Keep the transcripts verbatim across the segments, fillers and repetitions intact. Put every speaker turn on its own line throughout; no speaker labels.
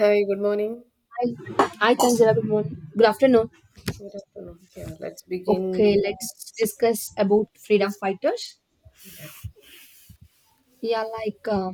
Hi, good morning.
I Hi Tanzila. Good morning. Good afternoon.
Good afternoon. Yeah, let's begin.
Okay, let's discuss about freedom fighters. Yeah, like uh,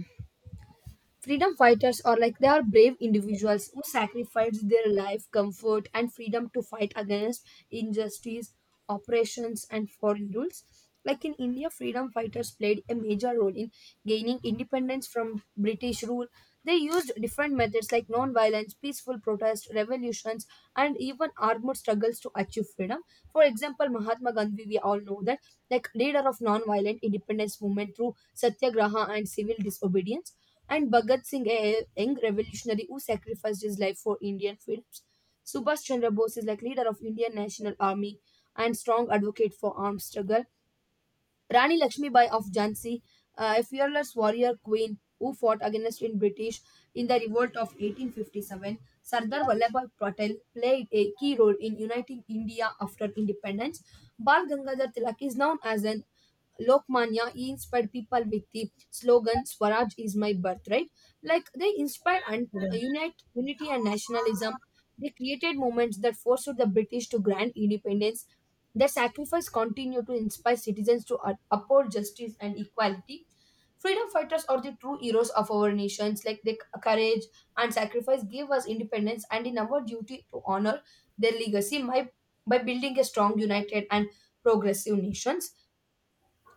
freedom fighters are like they are brave individuals who sacrifice their life comfort and freedom to fight against injustice, oppressions, and foreign rules. Like in India, freedom fighters played a major role in gaining independence from British rule. They used different methods like non-violence, peaceful protest, revolutions, and even armed struggles to achieve freedom. For example, Mahatma Gandhi, we all know that, like leader of non-violent independence movement through satyagraha and civil disobedience, and Bhagat Singh, a young revolutionary who sacrificed his life for Indian freedoms. Subhash Chandra Bose is like leader of Indian National Army and strong advocate for arms struggle. Rani Lakshmibai of Jhansi, uh, a fearless warrior queen who fought against in British in the revolt of eighteen fifty-seven. Sardar Vallabhbhai Patel played a key role in uniting India after independence. Bal Gangadhar Tilak is known as an Lokmanya, he inspired people with the slogan "Swaraj is my birthright." Like they inspired and unite unity and nationalism. They created movements that forced the British to grant independence. Their sacrifice continued to inspire citizens to up- uphold justice and equality. Freedom fighters are the true heroes of our nations. Like their c- courage and sacrifice gave us independence, and in our duty to honor their legacy by, by building a strong, united, and progressive nation.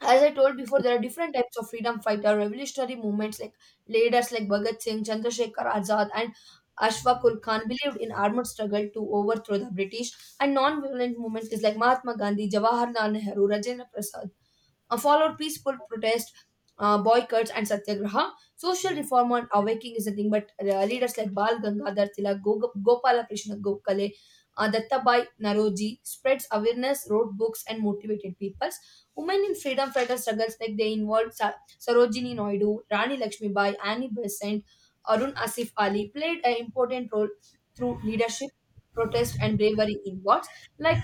As I told before, there are different types of freedom fighter. Revolutionary movements like leaders like Bhagat Singh, Chandrasekhar Azad, and Ashfaqul Khan believed in armed struggle to overthrow the British, and non-violent movements is like Mahatma Gandhi, Jawaharlal Nehru, Rajendra Prasad, uh, followed peaceful protest, uh, boycotts, and satyagraha. Social reform and awakening is nothing but uh, leaders like Bal Gangadhar Tilak, Go- Gopalakrishna Gokhale, uh, Dattabai Naroji spreads awareness, wrote books, and motivated peoples. Women in freedom fighter struggles like they involved Sa- Sarojini Naidu, Rani Lakshmibai, Annie Besant, Arun Asif Ali played an important role through leadership, protest, and bravery in wars. Like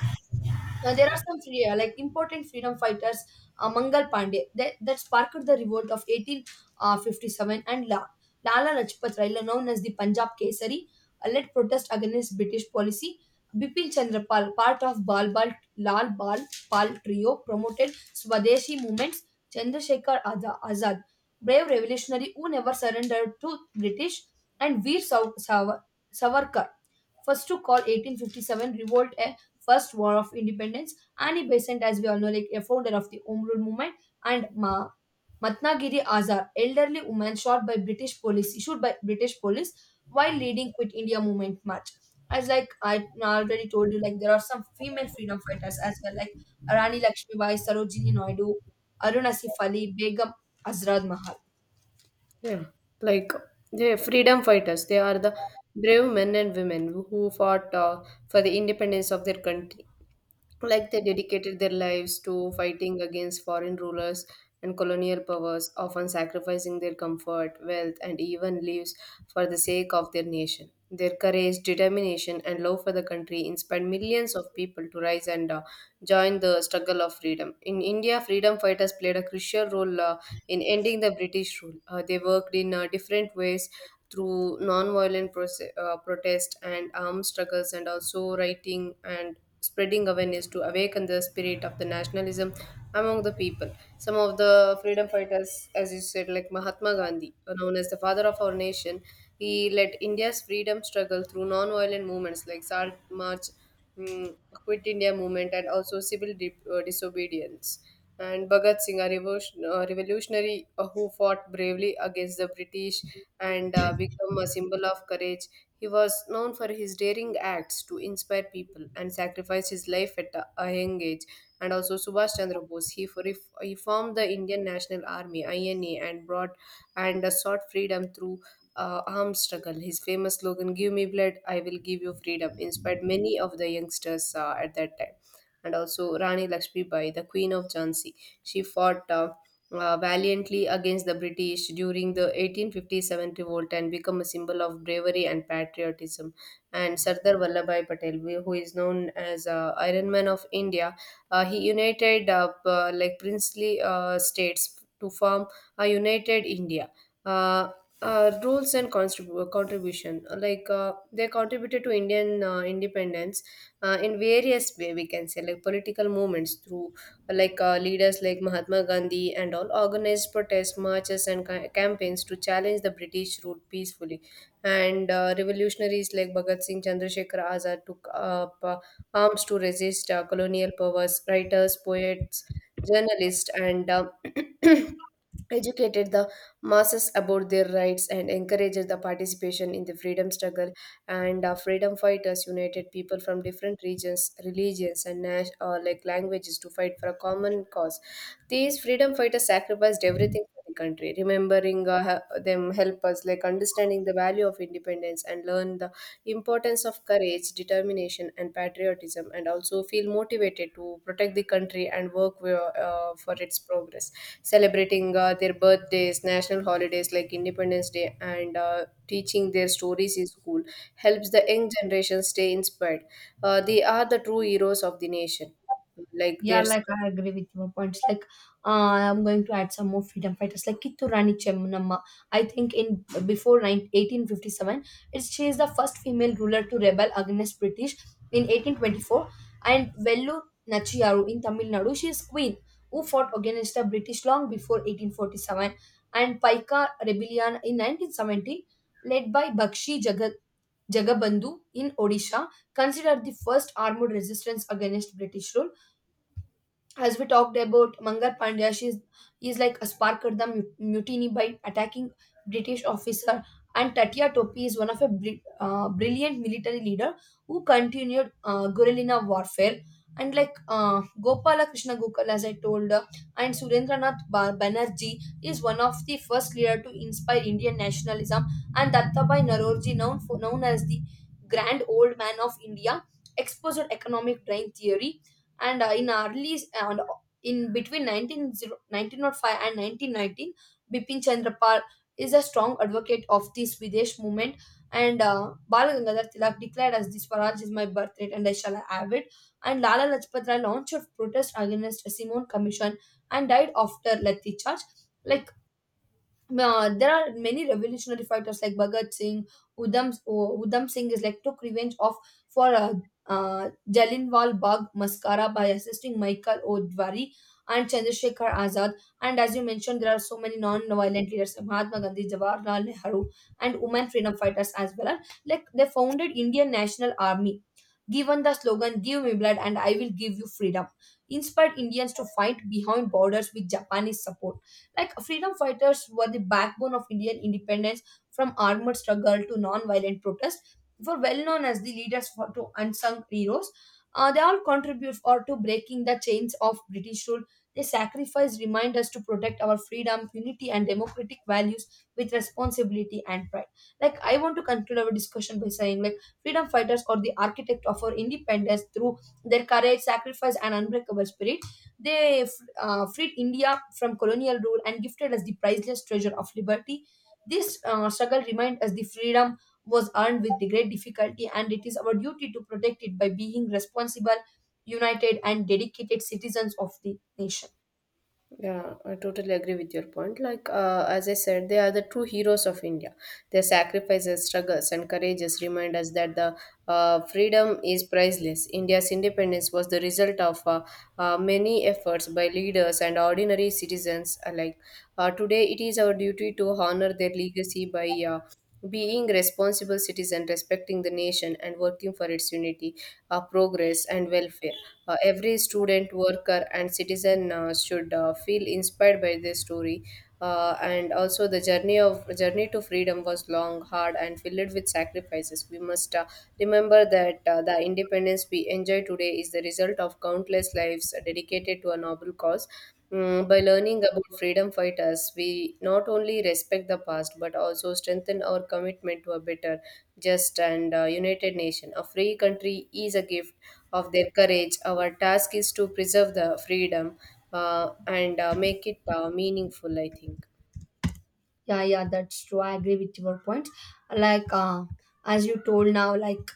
uh, there are some free, uh, like important freedom fighters, uh, Mangal Pandey, that, that sparked the revolt of eighteen fifty-seven, and La- Lala Lajpat Rai, known as the Punjab Kesari, uh, led protest against British policy. Bipin Chandra Pal, part of Bal Bal Lal Bal Pal trio, promoted Swadeshi movements. Chandrasekhar Aza- Azad, brave revolutionary who never surrendered to British, and Veer Sav- Sav- Savarkar, first to call eighteen fifty-seven revolt a First War of Independence. Annie Besant, as we all know, like a founder of the Home Rule Movement, and Ma Matnagiri Azar, elderly woman shot by British police, issued by British police while leading Quit India Movement march. As like I already told you, like there are some female freedom fighters as well, like Rani Lakshmibai, Sarojini Naidu, Aruna Sif Ali, Begum Azrad Mahal.
Yeah, like the freedom fighters, they are the brave men and women who fought uh, for the independence of their country. like they dedicated their lives to fighting against foreign rulers and colonial powers, often sacrificing their comfort, wealth, and even lives for the sake of their nation. Their courage, determination, and love for the country inspired millions of people to rise and uh, join the struggle of freedom. In India, freedom fighters played a crucial role uh, in ending the British rule. Uh, they worked in uh, different ways through non-violent proce- uh, protest and armed struggles, and also writing and spreading awareness to awaken the spirit of the nationalism among the people. Some of the freedom fighters, as you said, like Mahatma Gandhi, known as the father of our nation, he led India's freedom struggle through non-violent movements like Salt March, mm, Quit India movement, and also civil di- uh, disobedience. And Bhagat Singh, a revolution, uh, revolutionary uh, who fought bravely against the British and uh, become a symbol of courage. He was known for his daring acts to inspire people and sacrificed his life at a a young age. And also Subhash Chandra Bose, he, for, he formed the Indian National Army (I N A) and brought and uh, sought freedom through uh, armed struggle. His famous slogan "Give me blood, I will give you freedom" inspired many of the youngsters uh, at that time. And also Rani Lakshmibai, the Queen of Jhansi, she fought. Uh, uh, valiantly against the British during the eighteen fifty-seven revolt and become a symbol of bravery and patriotism. And Sardar Vallabhai Patel, wh- who is known as uh, Iron Man of India, uh, he united up uh, like princely uh, states to form a united India. Uh, uh, Roles and contrib- contribution. Uh, like uh, they contributed to indian uh, independence uh, in various way, we can say, like political movements through like uh, leaders like Mahatma Gandhi, and all organized protests, marches, and ca- campaigns to challenge the British rule peacefully. And uh, revolutionaries like Bhagat Singh, Chandrasekhar Azad took up uh, arms to resist uh, colonial powers. Writers, poets, journalists, and uh, educated the masses about their rights and encouraged the participation in the freedom struggle, and uh, freedom fighters united people from different regions, religions, and nas- or like languages to fight for a common cause. These freedom fighters sacrificed everything for the country. Remembering uh, he- them help us like understanding the value of independence and learn the importance of courage, determination, and patriotism, and also feel motivated to protect the country and work wi- uh, for its progress. Celebrating uh, their birthdays, national holidays like independence day, and uh, teaching their stories in school helps the young generation stay inspired. Uh, they are the true heroes of the nation, like
Yeah,
their…
like I agree with your points. Like, uh, I'm going to add some more freedom fighters, like Kittu Rani Chemmanamma. I think in before 9, eighteen fifty-seven, it's she is the first female ruler to rebel against British in eighteen twenty-four, and Vellu Nachiyaru in Tamil Nadu. She is queen who fought against the British long before eighteen forty-seven, and Paika rebellion in nineteen seventy, led by Bakshi Jagat. Jagabandhu in Odisha, considered the first armed resistance against British rule. As we talked about Mangar Pandya, she's is is like a sparked the mu- mutiny by attacking British officer, and Tatya Topi is one of a bri- uh, brilliant military leader who continued uh, guerrilla warfare. And like uh, Gopala Krishna Gokul, as I told, uh, and Surendranath Ba- Banerjee is one of the first leader to inspire Indian nationalism, and Dattabhai Narorji, known for known as the Grand Old Man of India, exposed economic drain theory and uh, in early and uh, in between nineteen hundred, nineteen oh five, and nineteen nineteen, bipin chandra pal is a strong advocate of this videsh movement, and uh, Bal Gangadhar Tilak declared as the Swaraj is my birthright and I shall have it. And Lala Lajpat Rai launched a protest against the Simon Commission and died after Lathi charge. Like uh, there are many revolutionary fighters like Bhagat Singh, Udham, uh, Udham Singh is like took revenge of for uh, uh, Jallianwala Bagh massacre by assisting Michael Odwari and Chandrasekhar Azad. And as you mentioned, there are so many non-violent leaders like Mahatma Gandhi, Jawaharlal Nehru, and women freedom fighters as well. Like they founded Indian National Army, given the slogan give me blood and I will give you freedom, inspired Indians to fight behind borders with Japanese support. Like freedom fighters were the backbone of Indian independence, from armored struggle to non-violent protest, were well known as the leaders for to unsung heroes. Uh, they all contribute or to breaking the chains of British rule. Their sacrifice remind us to protect our freedom, unity, and democratic values with responsibility and pride. Like I want to conclude our discussion by saying, like, freedom fighters or the architect of our independence through their courage, sacrifice, and unbreakable spirit. They uh, freed India from colonial rule and gifted us the priceless treasure of liberty. This uh, struggle reminds us the freedom was earned with the great difficulty, and it is our duty to protect it by being responsible, united, and dedicated citizens of the nation.
Yeah, I totally agree with your point. Like, uh, as I said, they are the true heroes of India. Their sacrifices, struggles, and courages remind us that the uh, freedom is priceless. India's independence was the result of uh, uh, many efforts by leaders and ordinary citizens alike. Uh, today, it is our duty to honor their legacy by uh, being responsible citizen, respecting the nation and working for its unity, uh, progress and welfare. Uh, every student, worker and citizen uh, should uh, feel inspired by this story. Uh, and also the journey of journey to freedom was long, hard and filled with sacrifices. We must uh, remember that uh, the independence we enjoy today is the result of countless lives dedicated to a noble cause. Mm, by learning about freedom fighters, we not only respect the past but also strengthen our commitment to a better, just, and uh, united nation. A free country is a gift of their courage. Our task is to preserve the freedom uh, and uh, make it uh, meaningful, I think.
Yeah, yeah, that's true. I agree with your point. Like, uh, as you told now, like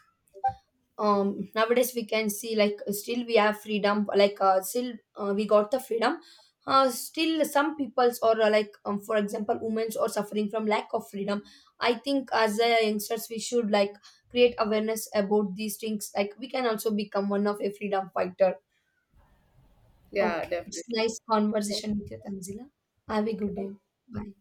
um nowadays we can see like still we have freedom, like uh, still uh, we got the freedom, uh, still some peoples or uh, like um, for example women are suffering from lack of freedom. I think as a youngsters we should like create awareness about these things, like we can also become one of a freedom fighter.
Yeah,
Okay, it's
definitely.
nice conversation with you Tanzila. Have a good day. Bye.